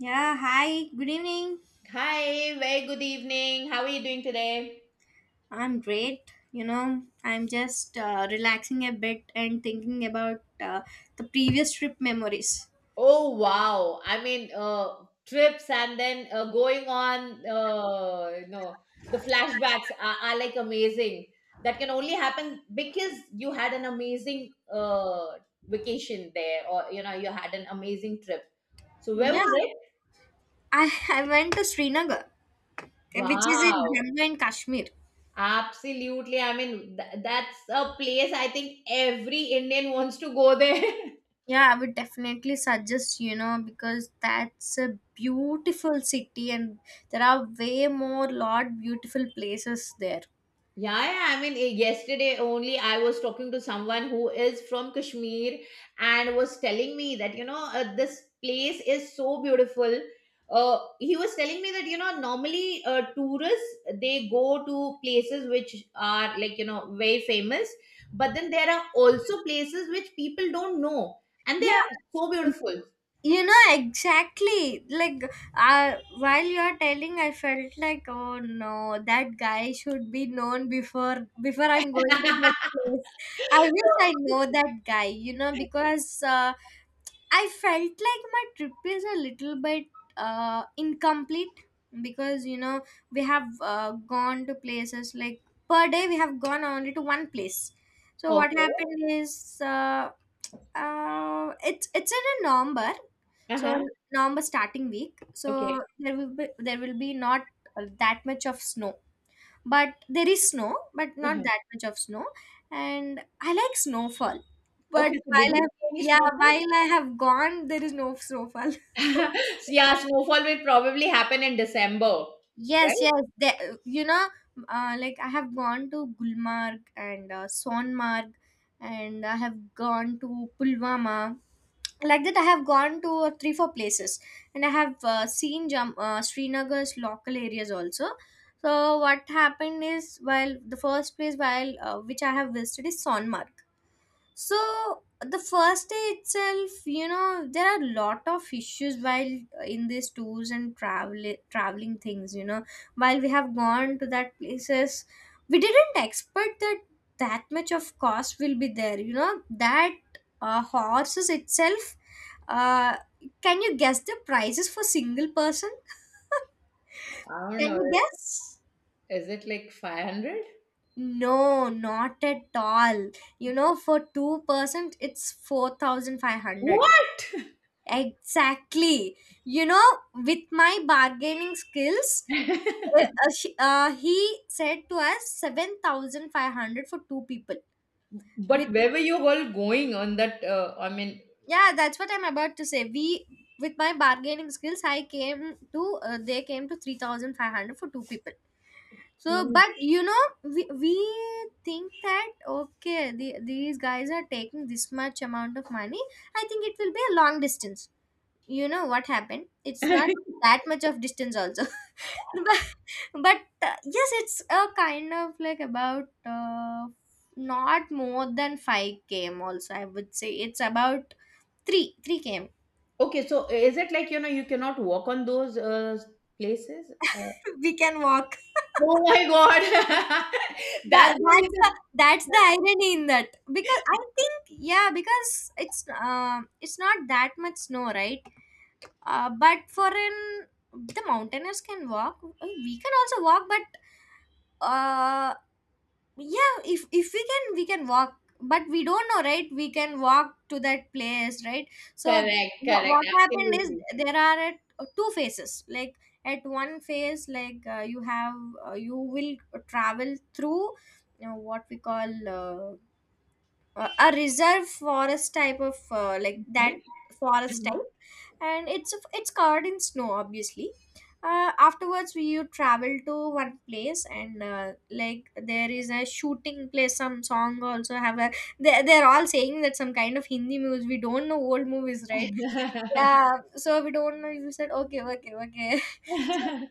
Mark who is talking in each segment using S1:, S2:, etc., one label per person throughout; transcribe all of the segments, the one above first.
S1: Yeah, hi, good evening.
S2: Hi, very good evening. How are you doing today?
S1: I'm great. You know, I'm just relaxing a bit and thinking about the previous trip memories.
S2: Oh wow! I mean, trips and then going on, the flashbacks are like amazing. That can only happen because you had an amazing vacation there, or you had an amazing trip. So where
S1: Yeah,
S2: was it?
S1: I I went to Srinagar, which is in
S2: Wow!
S1: Jammu and Kashmir.
S2: Absolutely. I mean, that's a place I think every Indian wants to go there.
S1: Yeah, I would definitely suggest, you know, because that's a beautiful city and there are way more lot beautiful places there.
S2: Yeah, yeah, I mean, yesterday only I was talking to someone who is from Kashmir and was telling me that, this place is so beautiful. He was telling me that, normally tourists, they go to places which are like, very famous, but then there are also places which people don't know and they are
S1: Yeah.
S2: so beautiful.
S1: You know, exactly. Like, while you're telling, I felt like, oh no, that guy should be known before I'm going to that place. I
S2: So,
S1: wish I know that guy, you know, because I felt like my trip is a little bit incomplete because, you know, we have gone to places like per day, we have gone only to one place. So, what
S2: okay.
S1: happened is, it's in a November, so
S2: Uh-huh.
S1: November starting week. So
S2: Okay.
S1: there will be not that much of snow, but there is snow, but not
S2: Uh-huh.
S1: that much of snow. And I like snowfall, but
S2: Okay. So, did
S1: while
S2: you
S1: I
S2: see any
S1: yeah
S2: snow?
S1: while I have gone, there is no snowfall.
S2: Yeah, snowfall will probably happen in December,
S1: Yes,
S2: right?
S1: yes. There, you know, like I have gone to Gulmarg and Sonmarg, and I have gone to Pulwama. Like that, I have gone to 3 4 places, and I have seen Srinagar's local areas also. So what happened is, while the first place, while which I have visited, is Sonmar. So the first day itself, you know, there are a lot of issues while in these tours and traveling things. You know, while we have gone to that places, we didn't expect that that much of cost will be there. You know, that horses itself. Uh, can you guess the prices for single person?
S2: I don't
S1: Can
S2: know.
S1: you guess?
S2: Is it like 500?
S1: No, not at all. You know, for two persons, it's 4,500.
S2: What?
S1: Exactly. You know, with my bargaining skills, he said to us 7,500 for two people. With
S2: But where were you all going on that? I mean,
S1: yeah, that's what I'm about to say. We with my bargaining skills, I came to they came to 3,500 for two people. So,
S2: you-
S1: but you know, we think that okay, these guys are taking this much amount of money. I think it will be a long distance. You know what happened? It's not that much of distance also. but but yes, it's a kind of like about not more than 5 km. Also, I would say it's about 3 km.
S2: okay, so is it like, you cannot walk on those places? Or...
S1: We can walk.
S2: Oh my God.
S1: that,
S2: That's
S1: that's the
S2: the
S1: that's the irony in that, because I
S2: reason.
S1: think, yeah, because it's not that much snow, right? Uh, but for an the mountaineers can walk, we can also walk, but uh yeah, if we can walk, but we don't know, right? We can walk to that place, right? So
S2: Correct, correct,
S1: what happened is
S2: absolutely.
S1: there are at two phases. Like at one phase, you will travel through, you know, what we call a reserve forest type of like
S2: Okay.
S1: that, forest type, and it's covered in snow obviously. Afterwards, we you travel to one place, and like there is a shooting place, some song also have a, they're all saying that some kind of Hindi movies, we don't know, old movies, right?
S2: Uh-huh.
S1: Yeah, so we don't know, you said okay, okay, okay. So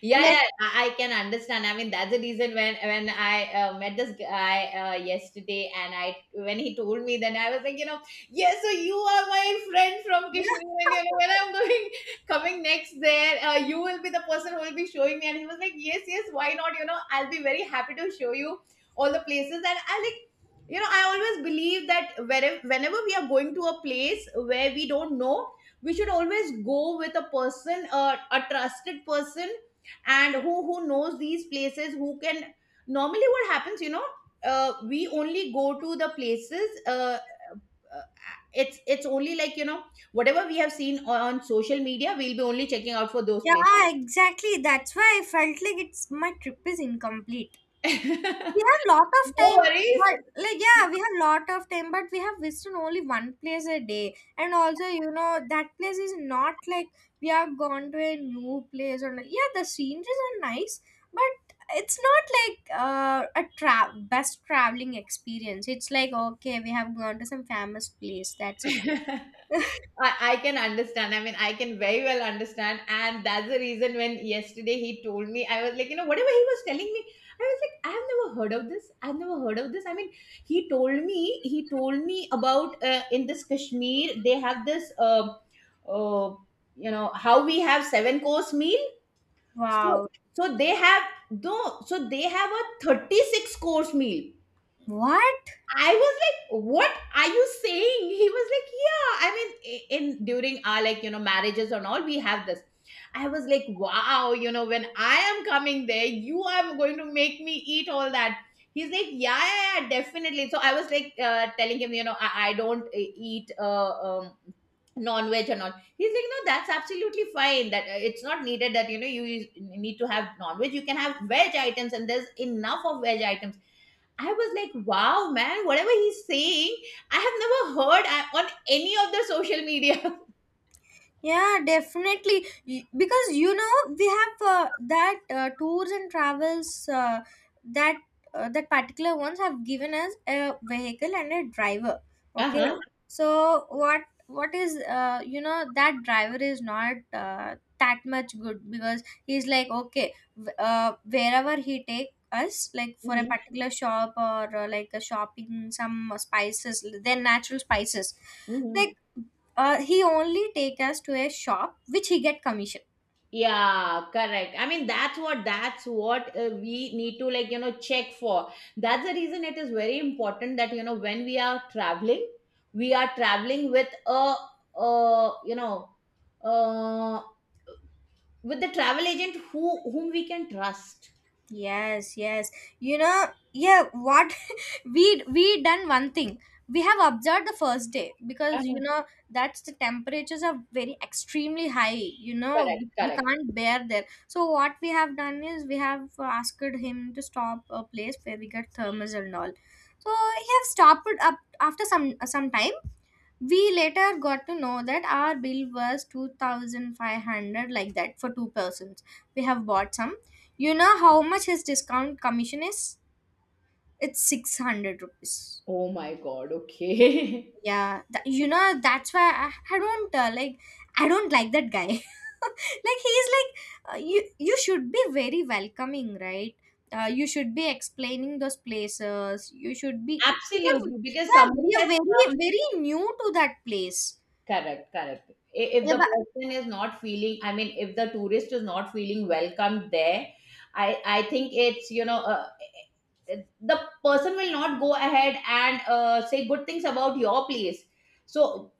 S2: Yeah,
S1: let
S2: yeah, I can understand. I mean, that's the reason when when I met this guy yesterday, and I when he told me, then I was like, yes, so you are my friend from Kashmir, and when I'm going coming next there, you will be the person who will be showing me. And he was like, yes, yes, why not, I'll be very happy to show you all the places. And I like, I always believe that wherever, whenever we are going to a place where we don't know, we should always go with a person, a trusted person, and who knows these places, who can normally, what happens, we only go to the places, uh, it's only like, whatever we have seen on social media, we'll be only checking out for those places.
S1: yeah, exactly, that's why I felt like it's my trip is incomplete. We have lot of
S2: No
S1: time,
S2: worries.
S1: but like, yeah, we have lot of time, but we have visited only one place a day, and also you know that place is not like we have gone to a new place or not. Yeah, the sceneries are nice, but it's not like best traveling experience. It's like, okay, we have gone to some famous place, that's it.
S2: I can understand. I mean, I can very well understand. And that's the reason when yesterday he told me, I was like, whatever he was telling me, I was like, I have never heard of this. I've never heard of this. I mean, he told me about, in this Kashmir, they have this, uh, how we have 7 course meal. So,
S1: Wow.
S2: they have, no, so they have a 36 course meal.
S1: What?
S2: I was like, "What are you saying?" He was like, "Yeah, I mean, in during our, like, marriages and all, we have this." I was like, "Wow, when I am coming there, you are going to make me eat all that." He's like, "Yeah, yeah, yeah, definitely." So I was like, telling him, I don't eat non-veg and all. He's like, "No, that's absolutely fine. That it's not needed. That, you need to have non-veg. You can have veg items, and there's enough of veg items." I was like, wow, man, whatever he's saying, I have never heard on any of the social media.
S1: Yeah, definitely. Because you know, we have that tours and travels that that particular ones have given us a vehicle and a driver. Okay,
S2: Uh-huh.
S1: so what is, you know, that driver is not that much good, because he's like, okay, wherever he take us, like for a
S2: Hmm.
S1: particular shop, or like a shopping, some spices, then natural spices like,
S2: Hmm.
S1: he only take us to a shop which he get commission.
S2: Yeah, correct. I mean, that's what we need to, like, check for. That's the reason it is very important that, when we are traveling with uh, you know, uh, with the travel agent whom we can trust.
S1: Yes, yes, you know, yeah, what, we done one thing. We have observed the first day, because you
S2: Uh-huh.
S1: know that's the temperatures are very extremely high. You know,
S2: Correct,
S1: we
S2: correct.
S1: can't bear there, so what we have done is, we have asked him to stop a place where we get thermals and all. So he have stopped up after some time. We later got to know that our bill was 2500 like that for two persons. We have bought some. You know how much his discount commission is? It's 600 rupees.
S2: Oh my God, okay.
S1: Yeah, you know that's why I don't like, I don't like that guy. Like, he's like, you you should be very welcoming, right? You should be explaining those places. You should be, because,
S2: Absolutely, because
S1: yeah,
S2: somebody
S1: we are
S2: has
S1: very
S2: come.
S1: very new to that place.
S2: Correct, correct. If
S1: Yeah,
S2: the
S1: but
S2: person is not feeling, I mean, if the tourist is not feeling welcomed there, I I think it's, the person will not go ahead and say good things about your place. So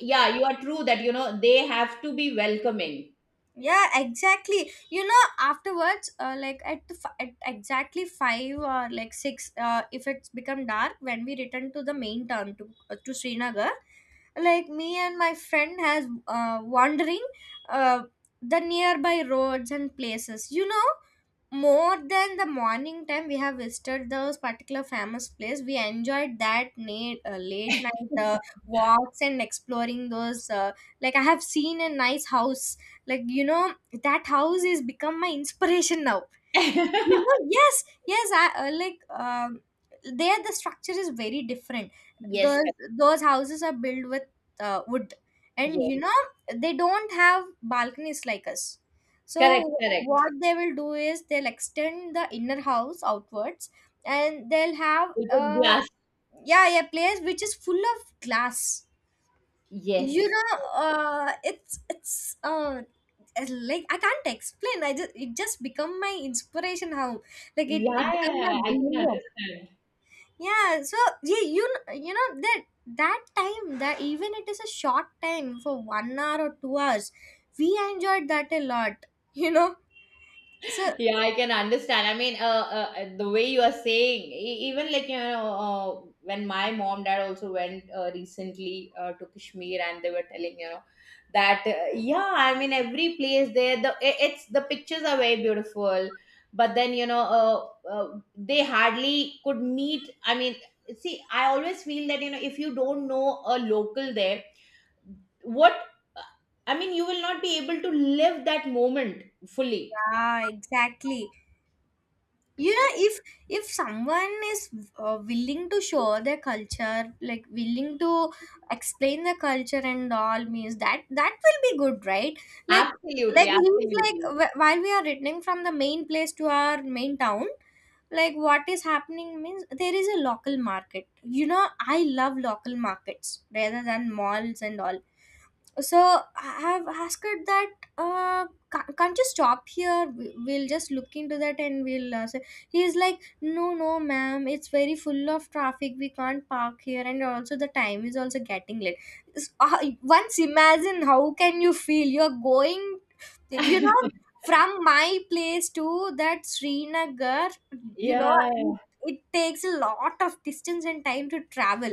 S2: yeah, you are true that they have to be welcoming.
S1: yeah, exactly, you know afterwards, like at, at exactly 5 or like 6, if it's become dark, when we return to the main town to Srinagar. Like me and my friend has wandering uh, the nearby roads and places. You know, more than the morning time, we have visited those particular famous place, we enjoyed that late night walks and exploring those, like I have seen a nice house, like you know, that house is become my inspiration now, you know. Yes, yes. I like, there the structure is very different.
S2: Yes,
S1: Those
S2: correct.
S1: those houses are built with wood, and you
S2: Yes,
S1: know they don't have balconies like us.
S2: correct,
S1: So
S2: correct.
S1: what they will do is, they'll extend the inner house outwards, and they'll have
S2: They put glass.
S1: yeah, a place which is full of glass. You
S2: Yes.
S1: know, it's like I can't explain. I just, it just become my inspiration home. Like it become my
S2: Yeah, I can
S1: dream home.
S2: understand.
S1: Yeah, so yeah, you know, that that time, that even it is a short time for 1 hour or 2 hours, we enjoyed that a lot. You know, so
S2: Yeah, I can understand. I mean, the way you are saying, even, like, when my mom dad also went recently to Kashmir, and they were telling, that, yeah, I mean, every place there, it's, the pictures are very beautiful. But then, they hardly could meet. I mean, see, I always feel that, if you don't know a local there, what uh, I mean, you will not be able to live that moment fully.
S1: ah, exactly. You know,
S2: So,
S1: if someone is willing to show their culture, like willing to explain the culture and all, means that that will be good, right? like
S2: absolutely,
S1: like he was like,
S2: absolutely.
S1: while we are returning from the main place to our main town, like what is happening means, there is a local market, you know I love local markets rather than malls and all. So I have asked her that, can't you stop here? We- we'll just look into that and we'll say. He's like, no, no, ma'am, it's very full of traffic, we can't park here, and also the time is also getting late. Once imagine how can you feel, you're going, you know, from my place to that Srinagar, you know,
S2: Yeah,
S1: it, it takes a lot of distance and time to travel.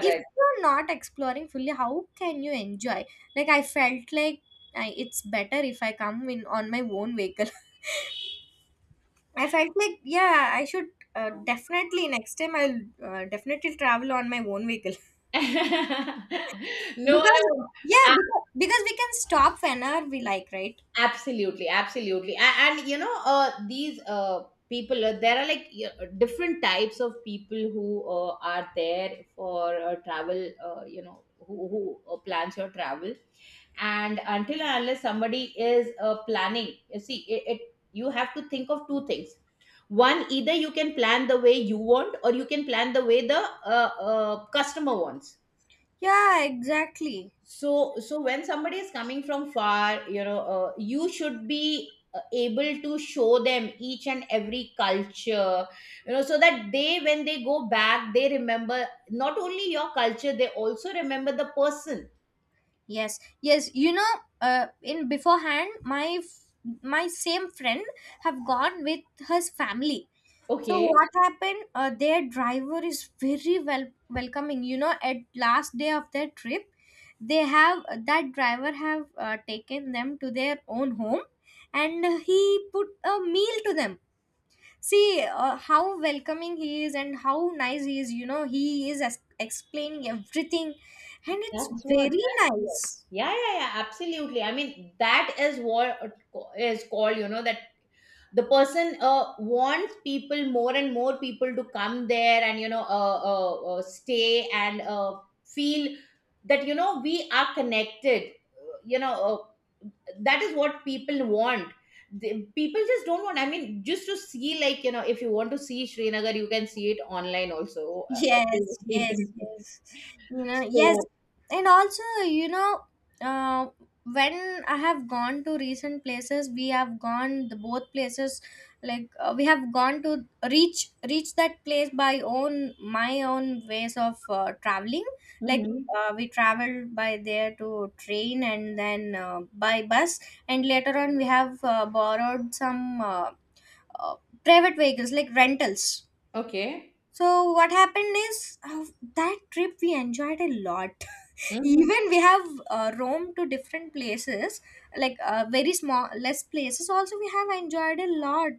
S1: If you're not exploring fully, how can you enjoy? Like, I felt like I, it's better if I come in on my own vehicle. I felt like, yeah, I should definitely next time I'll definitely travel on my own vehicle.
S2: No,
S1: Because
S2: no,
S1: yeah, because we can stop whenever we like, right?
S2: absolutely, absolutely. And, these people, there are like, different types of people who are there for travel, who plans your travel. And until and unless somebody is planning, you see, it you have to think of two things. One, either you can plan the way you want, or you can plan the way the customer wants.
S1: Yeah, exactly.
S2: So when somebody is coming from far, you should be able to show them each and every culture, so that they when they go back, they remember not only your culture, they also remember the person.
S1: Yes, yes. You know, in beforehand, my same friend have gone with his family. So
S2: Okay.
S1: what happened? Their driver is very well welcoming. You know, at last day of their trip, they have that driver have taken them to their own home, and he put a meal to them. See how welcoming he is and how nice he is. You know, he is explaining everything, and it's
S2: That's what.
S1: very
S2: That's what.
S1: nice.
S2: Yeah, yeah, yeah. Absolutely. I mean, that is what is called. You know that the person wants people, more and more people, to come there. And stay and feel that, we are connected. That is what people want. People just don't want. I mean, just to see, like, if you want to see Srinagar, you can see it online also.
S1: Yes,
S2: Everywhere you can.
S1: yes,
S2: See.
S1: yes. You know, yes.
S2: So.
S1: And also, you know, uh, when I have gone to recent places, we have gone the both places. Like, we have gone to reach that place by own my own ways of traveling. Like,
S2: Mhm.
S1: we traveled by there to train, and then by bus, and later on we have borrowed some uh, private vehicles like rentals.
S2: Okay.
S1: So what happened is, that trip we enjoyed a lot.
S2: Mhm.
S1: Even we have roamed to different places, like very small, less places. Also, we have enjoyed a lot.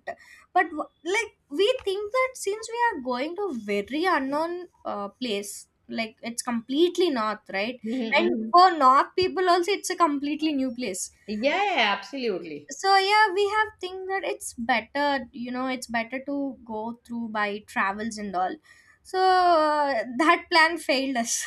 S1: But like we think that, since we are going to a very unknown place, like it's completely north, right?
S2: Mhm,
S1: And
S2: mhm.
S1: for north people also, it's a completely new place.
S2: Yeah, yeah, absolutely.
S1: So yeah, we have think that it's better, you know, it's better to go through by travels and all. So that plan failed us.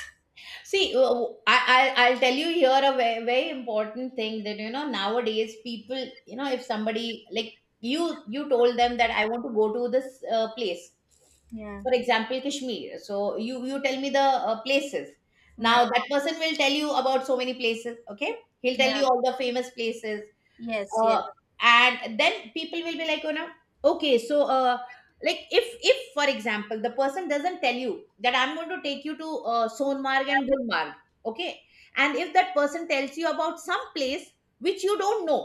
S2: See, I'll tell you here a very, very important thing that, nowadays people, if somebody like you told them that I want to go to this place,
S1: Yeah,
S2: for example, Kashmir. So you tell me the places.
S1: yeah,
S2: Now that person will tell you about so many places. Okay. He'll tell
S1: yeah,
S2: you all the famous places.
S1: yes, yes,
S2: uh, and then people will be like, okay, so, like, if, for example, the person doesn't tell you that I'm going to take you to Sonmarg and Gulmarg. Okay. And if that person tells you about some place which you don't know,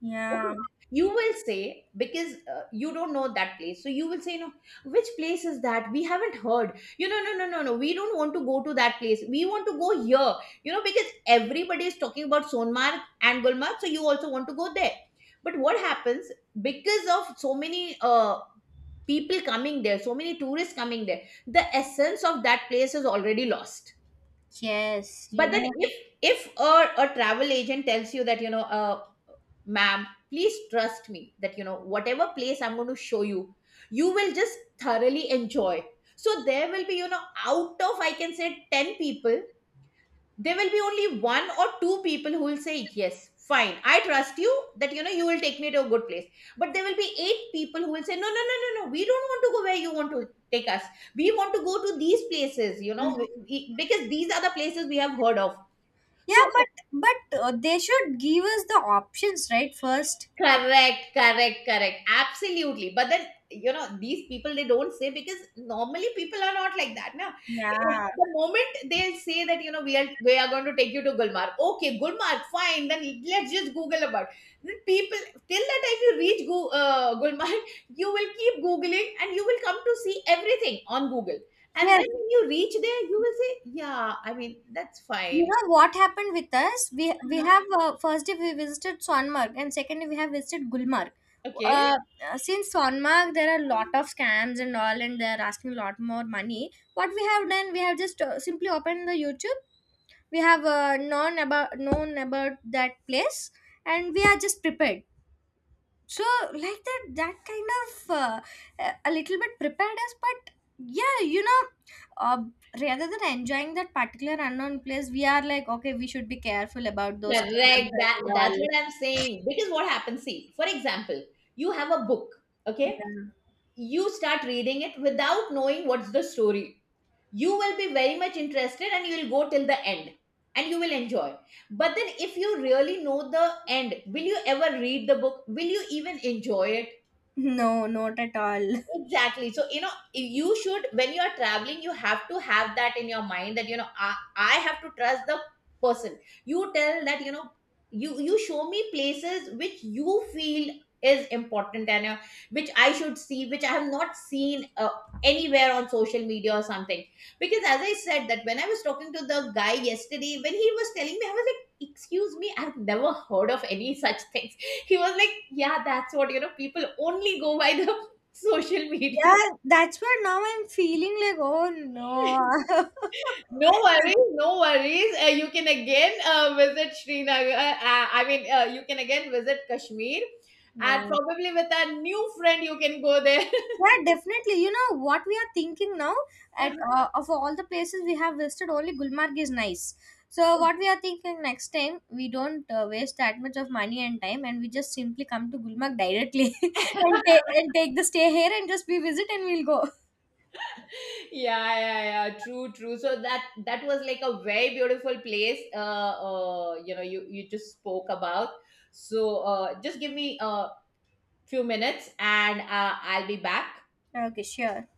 S1: yeah,
S2: you will say, because you don't know that place, so you will say, no, which place is that, we haven't heard, no, no, no, no, we don't want to go to that place, we want to go here. Because everybody is talking about Sonmark and Gulmarg, so you also want to go there. But what happens, because of so many people coming there, so many tourists coming there, the essence of that place is already lost.
S1: yes, you
S2: But then,
S1: know.
S2: if a travel agent tells you that, ma'am, please trust me that, whatever place I'm going to show you, you will just thoroughly enjoy. So there will be, out of, I can say, 10 people, there will be only one or two people who will say, yes, fine. I trust you that, you will take me to a good place. But there will be eight people who will say, no, no, no, no, no, we don't want to go where you want to take us. We want to go to these places,
S1: Mm.
S2: because these are the places we have heard of.
S1: Yeah,
S2: So
S1: but they should give us the options right first.
S2: correct, correct, correct. Absolutely. But then, these people, they don't say, because normally people are not like that. Now,
S1: Yeah,
S2: the moment they'll say that, we are going to take you to Gulmarg. Okay, Gulmarg, fine. Then let's just Google about. Then people, till the time you reach Gulmarg, you will keep googling and you will come to see everything on Google. And then
S1: yes.
S2: when you reach there, you will say, "Yeah, I mean, that's
S1: You
S2: fine."
S1: know what happened with us? We
S2: Uh-huh.
S1: have first day we visited Sonmark and second day we have visited Gulmarg.
S2: Okay.
S1: Uh, since Sonmark there are a lot of scams and all, and they're asking a lot more money. What we have done, we have just simply opened the YouTube. We have known about that place, and we are just prepared. So, like that, that kind of a little bit prepared us, but yeah, you know, uh, rather than enjoying that particular unknown place, we are like, okay, we should be careful about those clubs and
S2: Correct. That's
S1: all.
S2: what I'm saying. Because what happens, see, for example, you have a book, okay?
S1: Yeah.
S2: You start reading it without knowing what's the story. You will be very much interested, and you will go till the end, and you will enjoy. But then if you really know the end, will you ever read the book? Will you even enjoy it?
S1: No, not at all.
S2: Exactly. So, you should, when you are traveling, you have to have that in your mind that, I have to trust the person. You tell that, you show me places which you feel is important, and which I should see, which I have not seen anywhere on social media or something. Because as I said, that when I was talking to the guy yesterday, when he was telling me, I was like, excuse me, I've never heard of any such things. He was like, yeah, that's what, people only go by the social media.
S1: Yeah, that's where now I'm feeling like, oh no.
S2: No worries, no worries. You can again visit Srinagar. I mean, you can again visit Kashmir,
S1: Yeah,
S2: and probably with a new friend, you can go there.
S1: yeah, definitely. You know what we are thinking now? At, of all the places we have visited, only Gulmarg is nice. So what we are thinking next time, we don't waste that much of money and time, and we just simply come to Gulmarg directly and take the stay here and just we visit and we'll go.
S2: Yeah, yeah, yeah. True, true. So that was like a very beautiful place. You just spoke about. So, just give me a few minutes, and I'll be back.
S1: Okay, sure.